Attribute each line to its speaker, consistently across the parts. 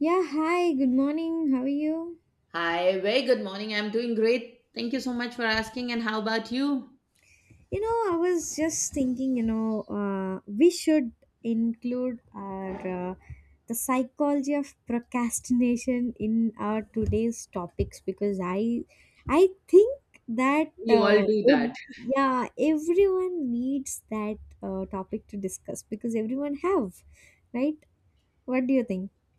Speaker 1: Yeah, hi, good morning. How are you?
Speaker 2: Hi, very good morning. I'm doing great. Thank you so much for asking. And how about you?
Speaker 1: You know, I was just thinking, we should include our the psychology of procrastination in our today's topics because I think that
Speaker 2: We all do
Speaker 1: if,
Speaker 2: that.
Speaker 1: yeah, everyone needs that topic to discuss because everyone have, right? What do you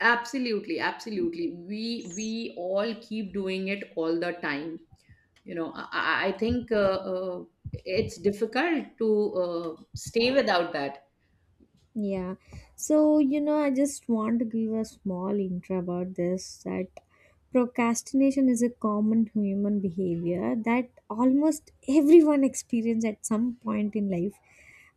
Speaker 2: Absolutely, absolutely. We
Speaker 1: think?
Speaker 2: we all keep doing it all the time. You know, I think it's difficult to stay without that.
Speaker 1: Yeah. So, you know, I just want to give a small intro about this that procrastination is a common human behavior that almost everyone experience at some point in life.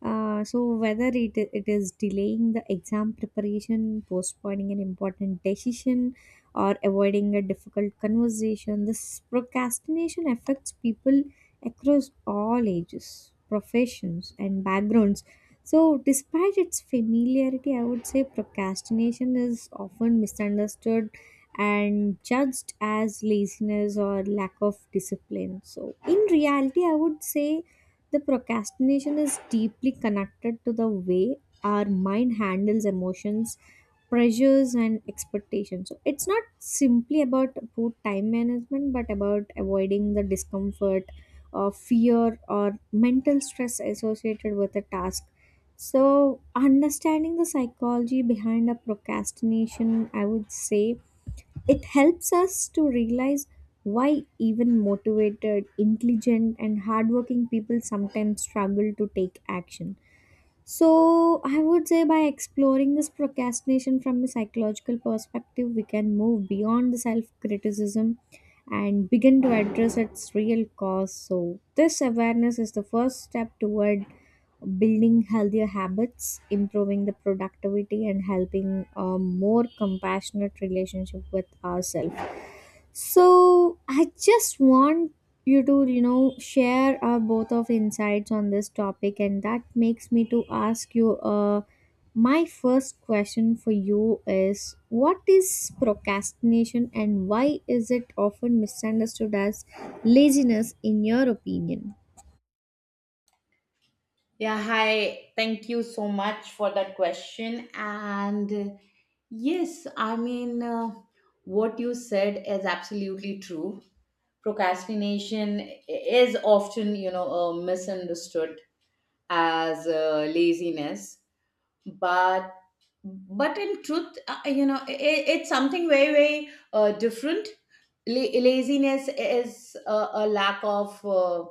Speaker 1: So whether it is delaying the exam preparation, postponing an important decision, or avoiding a difficult conversation. This procrastination affects people across all ages, professions, and backgrounds. So, despite its familiarity, I would say procrastination is often misunderstood and judged as laziness or lack of discipline. So, in reality, I would say the procrastination is deeply connected to the way our mind handles emotions, pressures and expectations. So it's not simply about poor time management, but about avoiding the discomfort or fear or mental stress associated with a task. So understanding the psychology behind a procrastination, I would say it helps us to realize why even motivated, intelligent and hardworking people sometimes struggle to take action. So, I would say by exploring this procrastination from a psychological perspective, we can move beyond the self criticism and begin to address its real cause. So, this awareness is the first step toward building healthier habits, improving the productivity, and helping a more compassionate relationship with ourselves. So I just want you to, you know, share our both of insights on this topic, and that makes me to ask you. My first question for you is: what is procrastination, and why is it often misunderstood as laziness, in your opinion?
Speaker 2: Yeah, hi. Thank you so much for that question. And yes, I mean, what you said is absolutely true. Procrastination is often, misunderstood as laziness, but in truth, you know, it's something very very different. Laziness is a lack of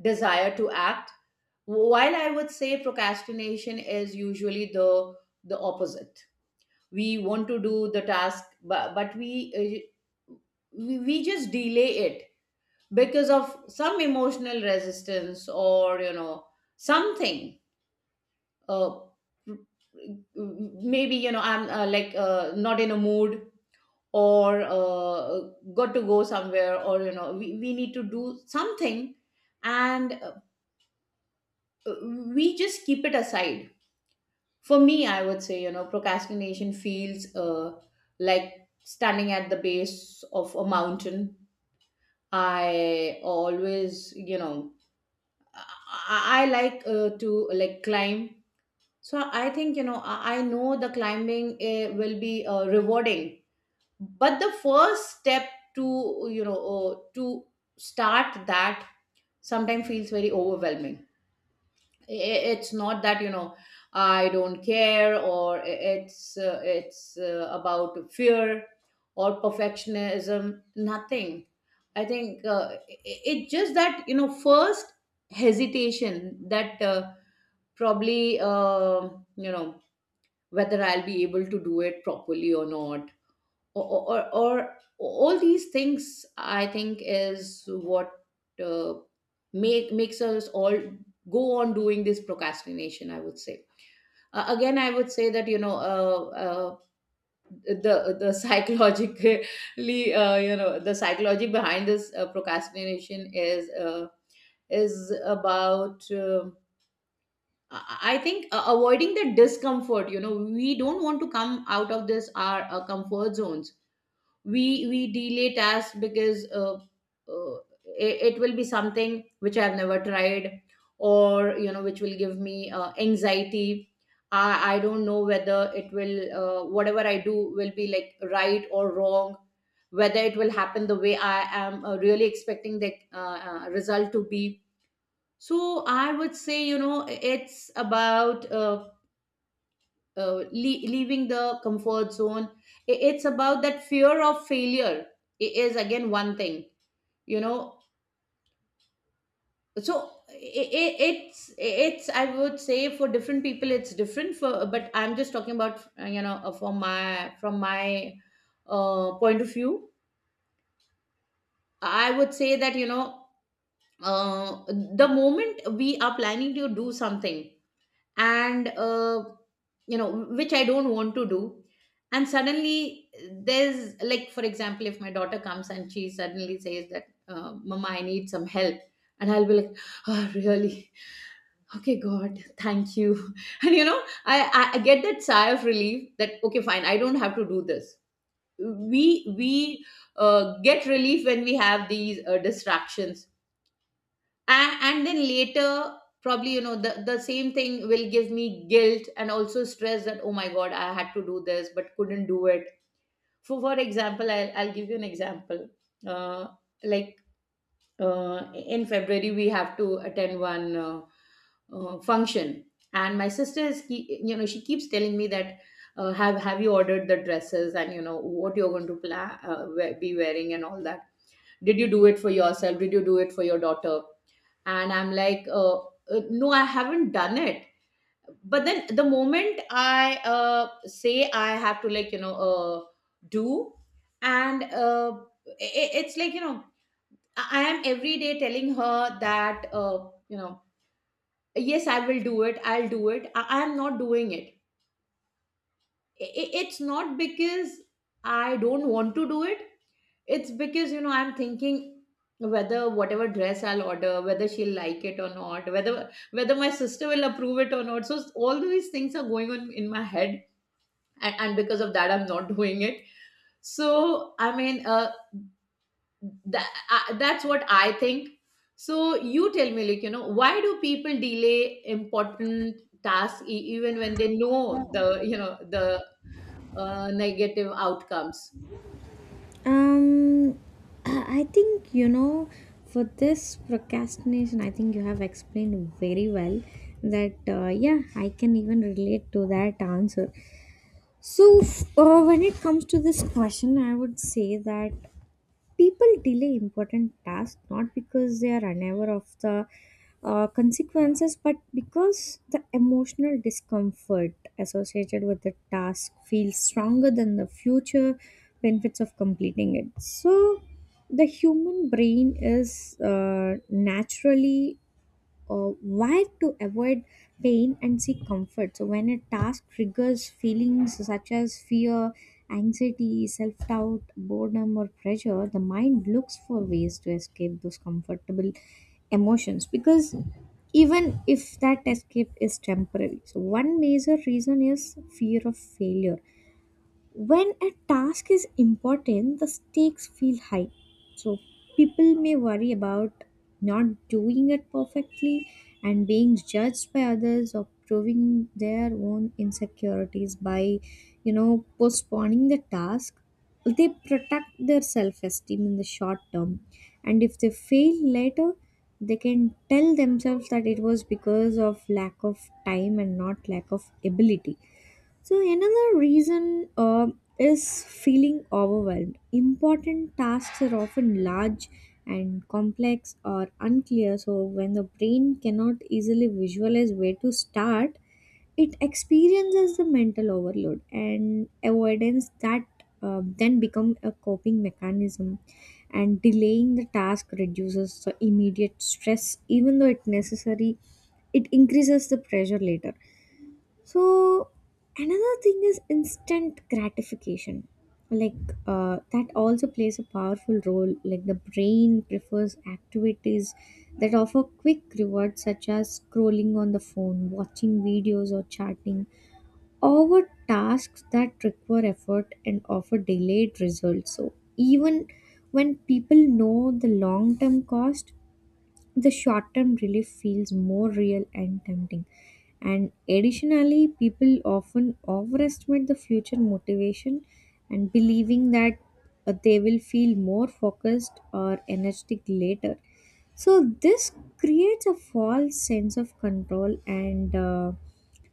Speaker 2: desire to act, while I would say procrastination is usually the opposite. We want to do the task, but, we just delay it because of some emotional resistance or, you know, something. uh, Maybe, you know, I'm like, not in a mood, or got to go somewhere, or, you know, we need to do something, and we just keep it aside. For me, I would say, you know, procrastination feels like standing at the base of a mountain. I always, you know, I like, to like, climb. So I think, you know, I know the climbing will be rewarding, but the first step to, to start that, sometimes feels very overwhelming. It's not that, you know, I don't care, or it's about fear or perfectionism. Nothing. I think it's just that, you know, first hesitation, that probably, you know, whether I'll be able to do it properly or not, or or, or, or all these things, I think, is what uh, makes us all go on doing this procrastination, I would say. Again, I would say that, you know, the psychologically, you know, the psychology behind this procrastination is, about, I think, avoiding the discomfort. You know, we don't want to come out of this our comfort zones. We delay tasks because uh, it will be something which I've never tried, or, you know, which will give me anxiety. I don't know whether it will whatever I do will be like right or wrong, whether it will happen the way I am really expecting the result to be. So I would say, you know, it's about, leaving the comfort zone. It's about that fear of failure. It is again one thing, you know. So i i- it's it's, I would say, for different people it's different, for but I'm just talking about, you know, from my point of view. I would say that, you know, uh, the moment we are planning to do something, and you know, which I don't want to do, and suddenly there's, like, for example, if my daughter comes and she suddenly says that, mama, I need some help, and I'll be like, oh really, okay, god, thank you, and, you know, I get that sigh of relief that okay, fine, I don't have to do this. We get relief when we have these distractions. And then later, probably, you know, the same thing will give me guilt and also stress that, oh my god, I had to do this but couldn't do it. For example, I'll give you an example. uh, like, in february we have to attend one function, and my sister is you know, she keeps telling me that, have you ordered the dresses, and, you know, what you're going to plan, be wearing, and all that. Did you do it for yourself, did you do it for your daughter? And I'm like, no, I haven't done it. But then the moment I say I have to, like, you know, do. And it's like, you know, I am every day telling her that, you know, yes, I will do it, I'll do it, I am not doing it. I- it's not because I don't want to do it. It's because, you know, I'm thinking whether whatever dress I'll order, whether she'll like it or not, whether my sister will approve it or not. So all these things are going on in my head, and because of that I'm not doing it. So I mean, that's what I think. So you tell me, like, you know, why do people delay important tasks, even when they know the, the negative outcomes?
Speaker 1: Um, I think you know, for this procrastination, I think you have explained very well that yeah, I can even relate to that answer. So when it comes to this question, I would say that people delay important tasks not because they are unaware of the consequences, but because the emotional discomfort associated with the task feels stronger than the future benefits of completing it. So the human brain is naturally uh, why to avoid pain and seek comfort. So, when a task triggers feelings such as fear, anxiety, self doubt, boredom, or pressure, the mind looks for ways to escape those comfortable emotions, because even if that escape is temporary. So, one major reason is fear of failure. When a task is important, the stakes feel high, so people may worry about not doing it perfectly and being judged by others, or proving their own insecurities. By, you know, postponing the task, they protect their self-esteem in the short term, and if they fail later, they can tell themselves that it was because of lack of time and not lack of ability. So another reason, is feeling overwhelmed. Important tasks are often large and complex or unclear. So when the brain cannot easily visualize where to start, it experiences the mental overload, and avoidance that then become a coping mechanism. And delaying the task reduces the immediate stress, even though it necessary, it increases the pressure later. So another thing is instant gratification. Like that also plays a powerful role. Like, the brain prefers activities that offer quick rewards, such as scrolling on the phone, watching videos, or chatting, over tasks that require effort and offer delayed results. So even when people know the long term cost, the short term relief feels more real and tempting. And additionally, people often overestimate the future motivation, and believing that they will feel more focused or energetic later. So, this creates a false sense of control and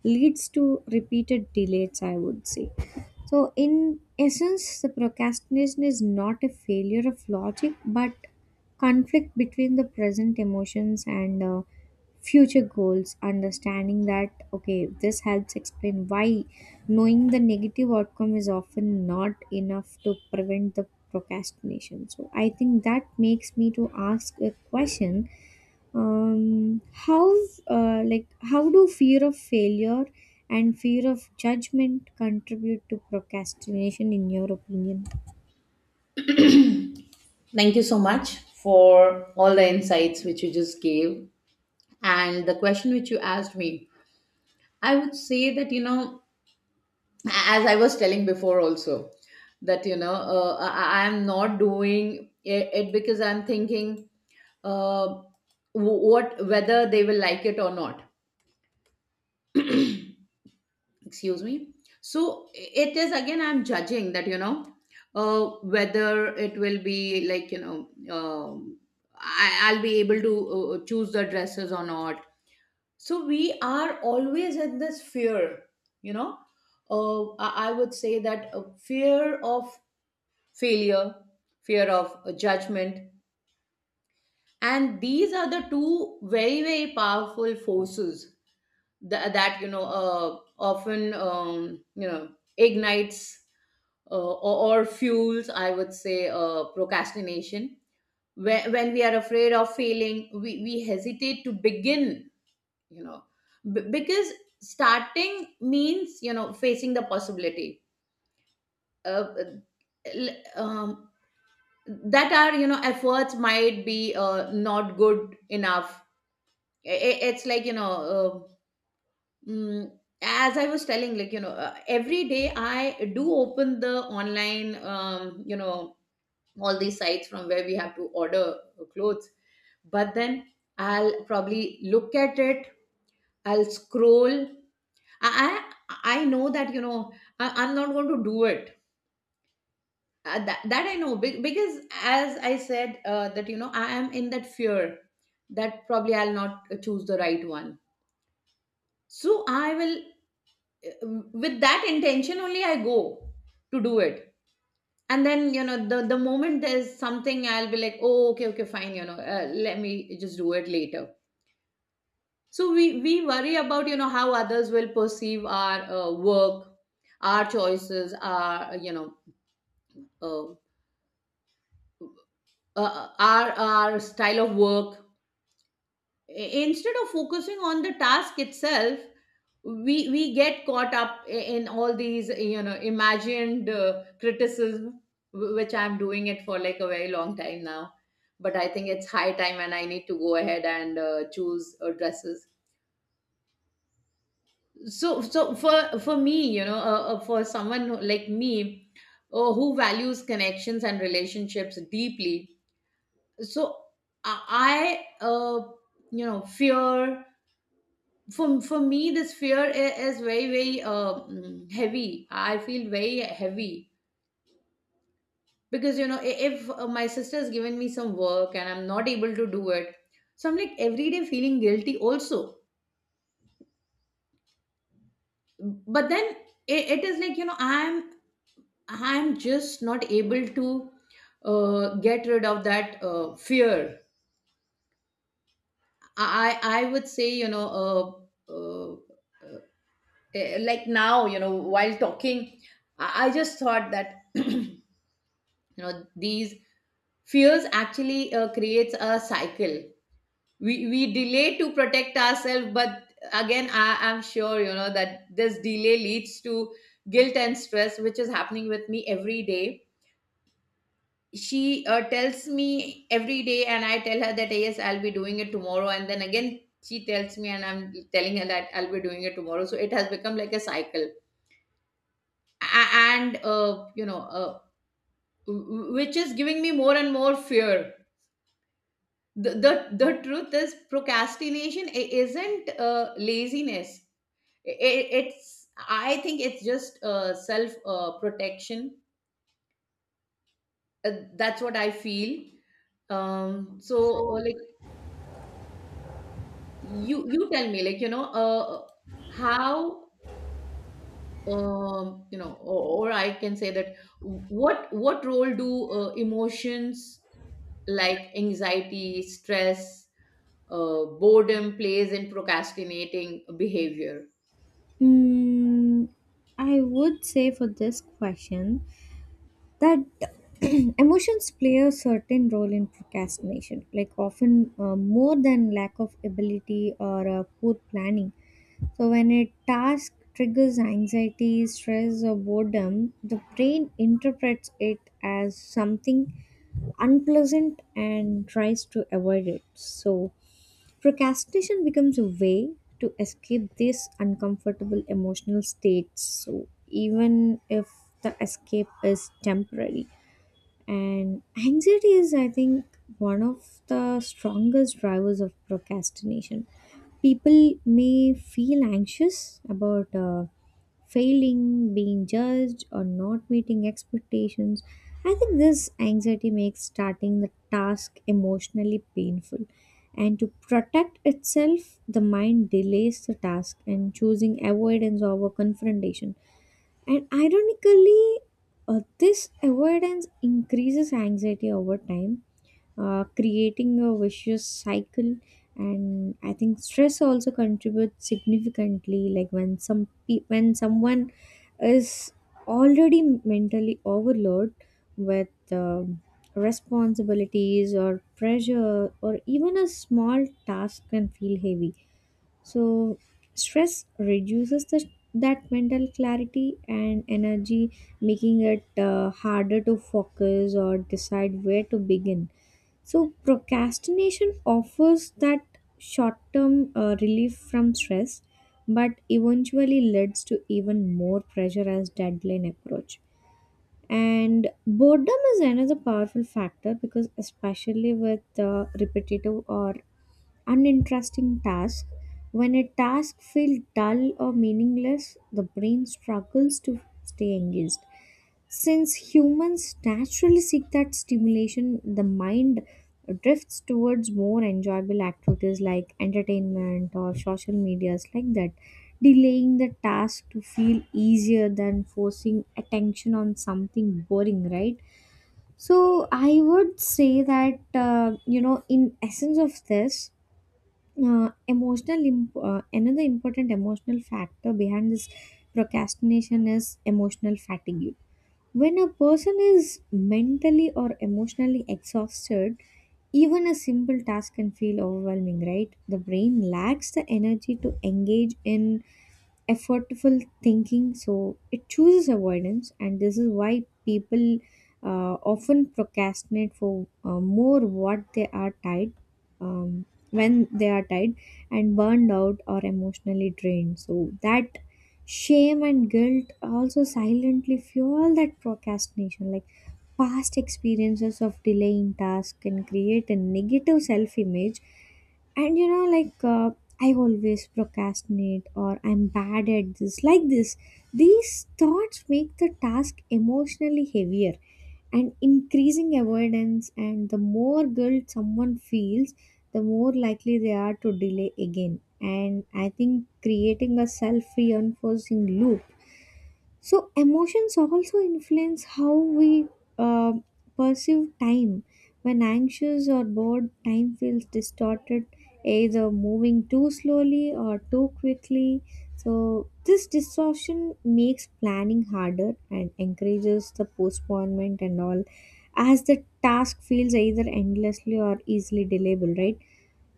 Speaker 1: leads to repeated delays, I would say. So, in essence, the procrastination is not a failure of logic but conflict between the present emotions and future goals. Understanding that, okay, this helps explain why knowing the negative outcome is often not enough to prevent the procrastination. So, I think that makes me to ask a question. Um how uh, like how do fear of failure and fear of judgment contribute to procrastination, in your opinion?
Speaker 2: Thank you so much for all the insights which you just gave, and the question which you asked me. I would say that, you know, as I was telling before also, that, you know, I am not doing it because I'm thinking uh, what, whether they will like it or not. Excuse me. So it is, again, I'm judging that, you know, whether it will be, like, you know, um, I'll be able to choose the dresses or not. So we are always in this fear, you know. I would say that a fear of failure, fear of judgment, and these are the two very very powerful forces that, you know, often, you know, ignites, or fuels, I would say, procrastination. When we are afraid of failing, we hesitate to begin, you know, because starting means, you know, facing the possibility. Uh, l- um, that our, you know, efforts might be not good enough. It's like, you know, uh, mm, as I was telling, like, you know, every day I do open the online, you know, all these sites from where we have to order clothes. But then I'll probably look at it, I'll scroll. i i I know that, you know, I'm not going to do it. That I know, because, as I said, that, you know, I am in that fear that probably I'll not choose the right one. So I will, uh, with that intention only, I go to do it. And then, you know, the moment there's something I'll be like, oh, okay, okay, fine, you know, let me just do it later. So we worry about, you know, how others will perceive our work, our choices, our, you know, uh, our style of work, I- instead of focusing on the task itself. We get caught up in all these, you know, imagined criticism, which I'm doing it for, like, a very long time now. But I think it's high time, and I need to go ahead and choose dresses. So for me, you know, for someone like me, who values connections and relationships deeply. So i I, uh, you know, fear, for me, this fear is very very heavy. I feel very heavy, because, you know, if my sister has given me some work and I'm not able to do it, so I'm like every day feeling guilty also. But then it is like, you know, I'm just not able to get rid of that fear. I would say, you know, uh, like now, you know, while talking, I just thought that you know, these fears actually creates a cycle. We delay to protect ourselves, but, again, I am sure, you know, that this delay leads to guilt and stress, which is happening with me every day. She tells me every day, and I tell her that, yes, I'll be doing it tomorrow, and then again she tells me, and I'm telling her that I'll be doing it tomorrow, so it has become like a cycle. And, you know, which is giving me more and more fear. The truth is, procrastination isn't laziness. It's, I think it's just self protection. That's what I feel. Like, you tell me, like, you know, how you know, or I can say that, what role do emotions like anxiety, stress, boredom, plays in procrastinating behavior?
Speaker 1: Hmm, I would say, for this question, that emotions play a certain role in procrastination, like, often more than lack of ability or poor planning. So, when a task triggers anxiety, stress, or boredom, the brain interprets it as something unpleasant and tries to avoid it. So, procrastination becomes a way to escape these uncomfortable emotional states. So, even if the escape is temporary. And anxiety is, I think, one of the strongest drivers of procrastination. People may feel anxious about failing, being judged, or not meeting expectations. I think this anxiety makes starting the task emotionally painful. And to protect itself, the mind delays the task, and choosing avoidance over confrontation. And ironically, this avoidance increases anxiety over time, creating a vicious cycle. And I think stress also contributes significantly. Like, when someone is already mentally overloaded with responsibilities or pressure, or even a small task can feel heavy. So stress reduces that mental clarity and energy, making it harder to focus or decide where to begin. So procrastination offers that short-term relief from stress, but eventually leads to even more pressure as deadline approach. And boredom is another powerful factor, because especially with repetitive or uninteresting tasks, when a task feels dull or meaningless, the brain struggles to stay engaged. Since humans naturally seek that stimulation, the mind drifts towards more enjoyable activities like entertainment or social medias like that. Delaying the task to feel easier than forcing attention on something boring, right? So I would say that, you know, in essence of this, another important emotional factor behind this procrastination is emotional fatigue. When a person is mentally or emotionally exhausted, even a simple task can feel overwhelming, right? The brain lacks the energy to engage in effortful thinking, so it chooses avoidance. And this is why people often procrastinate for more what they are tied, um, when they are tired and burned out or emotionally drained. So that shame and guilt also silently fuel that procrastination, like past experiences of delaying tasks can create a negative self image. And you know, like, I always procrastinate, or I'm bad at this, like this. These thoughts make the task emotionally heavier and increasing avoidance, and the more guilt someone feels, the more likely they are to delay again. And I think creating a self reinforcing loop. So emotions also influence how we uh, perceive time. When anxious or bored, time feels distorted, either moving too slowly or too quickly. So this distortion makes planning harder and encourages the postponement and all, as the task feels either endlessly or easily delayable, right?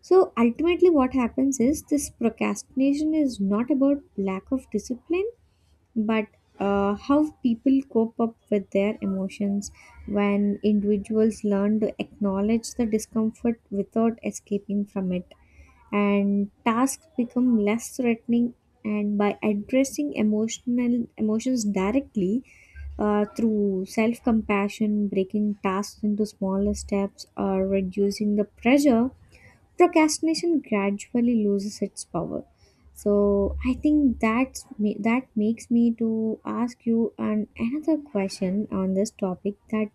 Speaker 1: So ultimately, what happens is this procrastination is not about lack of discipline, but how people cope up with their emotions. When individuals learn to acknowledge the discomfort without escaping from it, and tasks become less threatening, and by addressing emotional emotions directly through self compassion, breaking tasks into smaller steps or reducing the pressure, procrastination gradually loses its power. So I think that makes me to ask you an another question on this topic, that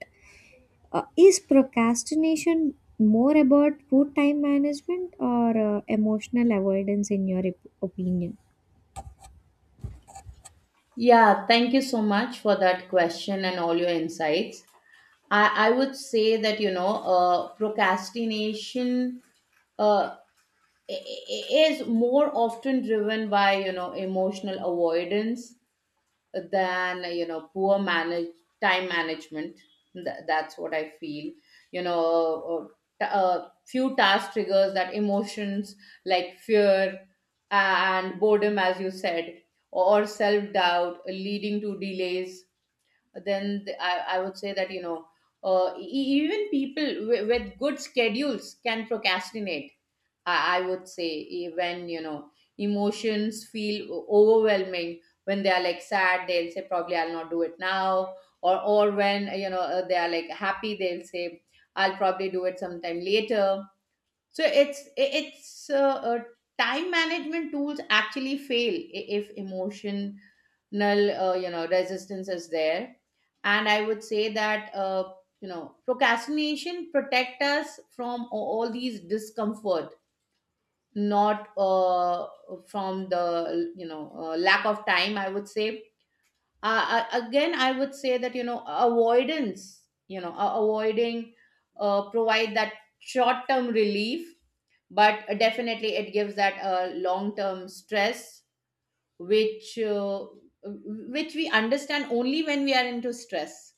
Speaker 1: is procrastination more about poor time management or emotional avoidance, in your opinion?
Speaker 2: Yeah, thank you so much for that question and all your insights. I would say that, you know, procrastination uh, is more often driven by, you know, emotional avoidance than poor manage time management. That's what I feel, you know. Few task triggers that emotions, like fear and boredom as you said, or self doubt leading to delays. Then I would say that, you know, even people with good schedules can procrastinate. I would say when you know emotions feel overwhelming, when they are like sad they'll say probably I'll not do it now, or when you know they are like happy they'll say I'll probably do it sometime later. So it's time management tools actually fail if emotion null you know resistance is there. And I would say that you know procrastination protect us from all these discomfort, not from the, you know, lack of time, I would say. uh, Again, I would say that, you know, avoidance, you know, avoiding provide that short term relief, but definitely it gives that long term stress, which uh, which we understand only when we are into stress.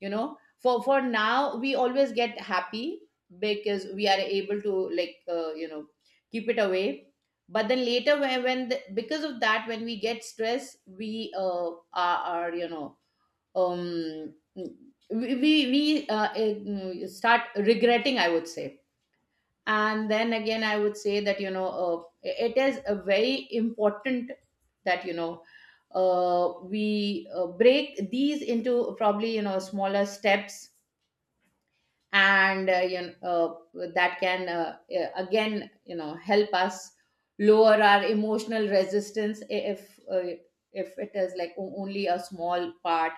Speaker 2: You know, for now we always get happy because we are able to, like, you know, keep it away. But then later when, because of that, when we get stress we are, you know, um start regretting, I would say. And then again I would say that, you know, it is a very important that you know we break these into probably, you know, smaller steps, and you know, that can again, you know, help us lower our emotional resistance. if uh, if it is like only a small part,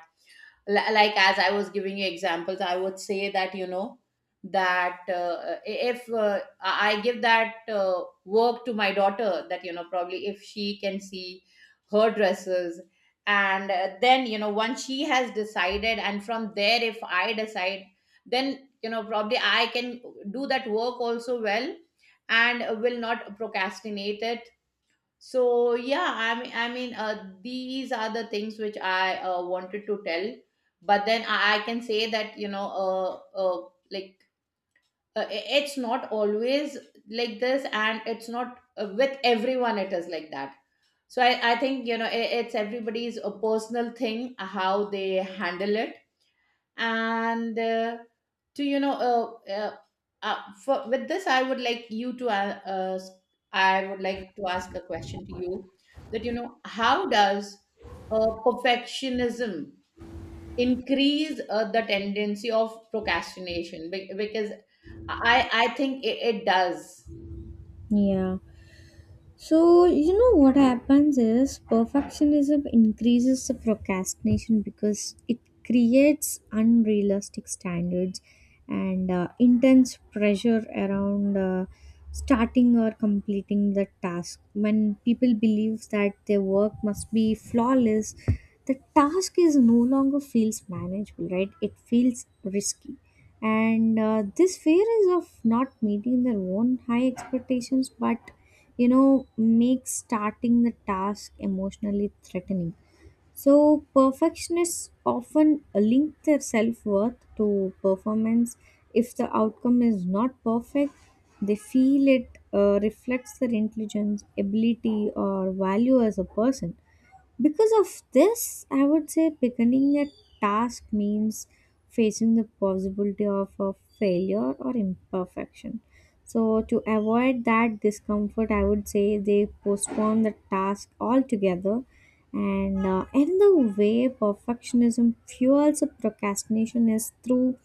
Speaker 2: like as I was giving you examples, I would say that, you know, that if I give that work to my daughter, that you know probably if she can see her dresses, and then you know once she has decided and from there if I decide, then you know probably I can do that work also well and will not procrastinate it. So yeah, I mean, these are the things which I wanted to tell. But then I can say that, you know, uh, uh, like it's not always like this, and it's not with everyone it is like that. So I think, you know, I it's everybody's a personal thing how they handle it. And to you know for, with this I would like to ask a question to you, that you know how does perfectionism increase the tendency of procrastination? Because I think it, it does.
Speaker 1: Yeah. So, you know what happens is perfectionism increases the procrastination, because it creates unrealistic standards and intense pressure around starting or completing the task. When people believe that their work must be flawless, the task is no longer feels manageable, right? It feels risky. And this fear is of not meeting their own high expectations, but you know, makes starting the task emotionally threatening. So, perfectionists often link their self worth to performance. If the outcome is not perfect, they feel it reflects their intelligence, ability, or value as a person. Because of this, I would say beginning a task means facing the possibility of a failure or imperfection. So, to avoid that discomfort, I would say they postpone the task altogether. And another way perfectionism fuels a procrastination is through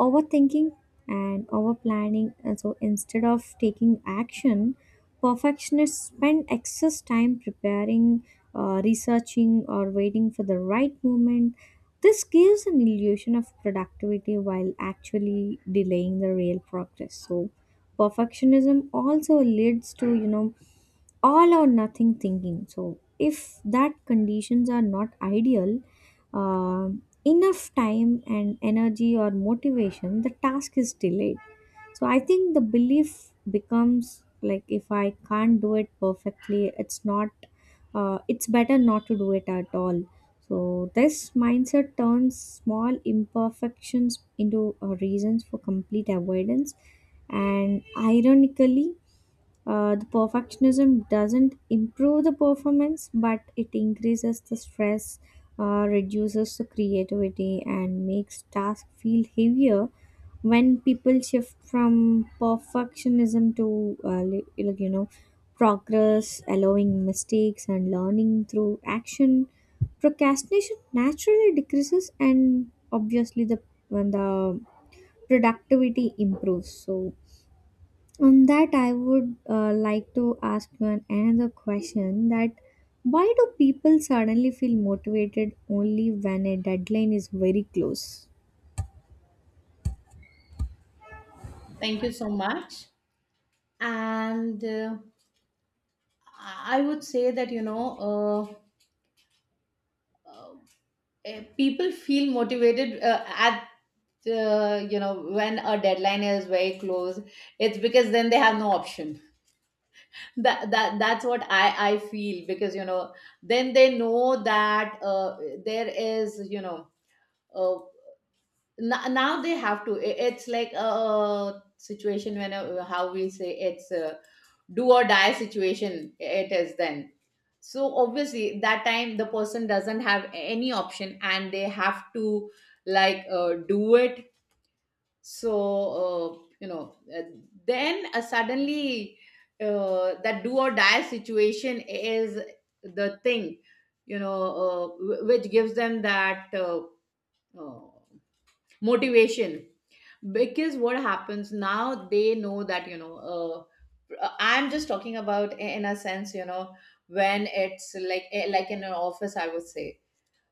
Speaker 1: overthinking and overplanning. And so instead of taking action, perfectionists spend excess time preparing, researching, or waiting for the right moment. This gives an illusion of productivity while actually delaying the real progress. So, perfectionism also leads to, you know, all or nothing thinking. So, if that conditions are not ideal, uh, enough time and energy or motivation, the task is delayed. So, I think the belief becomes like, if I can't do it perfectly, it's better not to do it at all. So, this mindset turns small imperfections into reasons for complete avoidance. And ironically the perfectionism doesn't improve the performance, but it increases the stress, reduces the creativity, and makes tasks feel heavier. When people shift from perfectionism to like you know, progress, allowing mistakes and learning through action, procrastination naturally decreases, and obviously the when the productivity improves. So on that, I would like to ask you another question, that why do people suddenly feel motivated only when a deadline is very close?
Speaker 2: Thank you so much. And I would say that, you know, uh, people feel motivated at you know, when a deadline is very close, it's because then they have no option. That that's what I feel, because you know then they know that there is, you know, uh, now they have to, it's like a situation when, how we say, it's a do or die situation it is then. So obviously that time the person doesn't have any option and they have to, like, do it. So you know then suddenly that do or die situation is the thing, you know, which gives them that uh, motivation. Because what happens, now they know that, you know, I'm just talking about, in a sense, you know, when it's like, like in an office, I would say.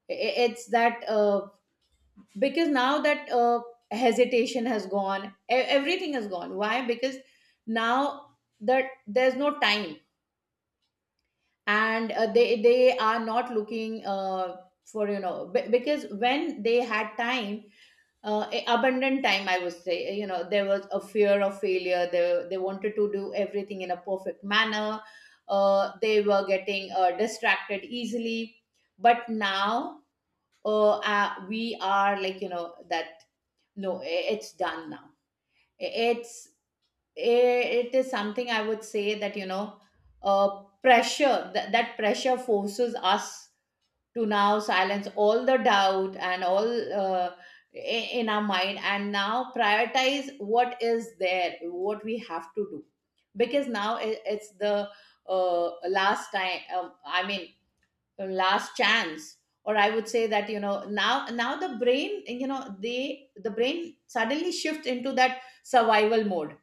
Speaker 2: It's that because now that hesitation has gone, everything has gone. Why? Because now that there's no time, and they are not looking for, you know, because when they had time, abundant time, I would say, you know, there was a fear of failure, they wanted to do everything in a perfect manner. They were getting distracted easily. But now, we are like, you know, that no, it's done now. It's, it is something I would say that, you know, pressure, that pressure forces us to now silence all the doubt and all uh, i- in our mind, and now prioritize what is there, what we have to do, because now it's the uh, last time. I mean, last chance. Or I would say that, you know, now the brain, you know, the brain suddenly shifts into that survival mode,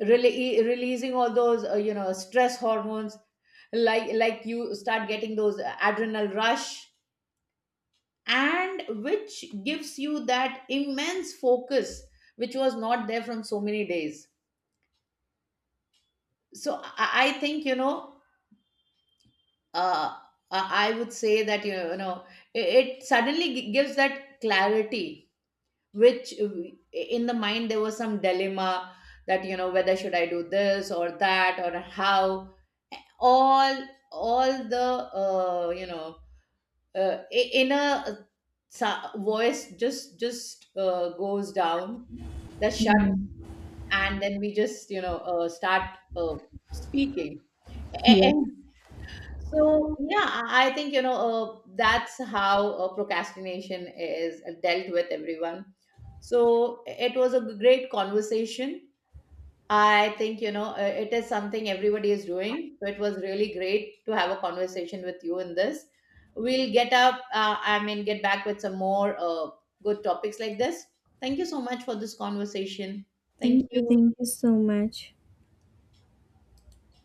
Speaker 2: really releasing all those you know stress hormones, like you start getting those adrenal rush, and which gives you that immense focus which was not there from so many days. So I think, you know, uh, I would say that, you know, it, it suddenly gives that clarity, which in the mind there was some dilemma, that you know whether should I do this or that, or how all the you know inner voice just goes down the shut.
Speaker 1: Mhm.
Speaker 2: And then we just, you know, start speaking.
Speaker 1: Yeah.
Speaker 2: So yeah, I think, you know, that's how procrastination is dealt with everyone. So it was a great conversation. I think, you know, it is something everybody is doing. So it was really great to have a conversation with you in this. We'll get up. I mean, get back with some more good topics like this. Thank you so much for this conversation. Thank
Speaker 1: Thank
Speaker 2: you.
Speaker 1: you so much.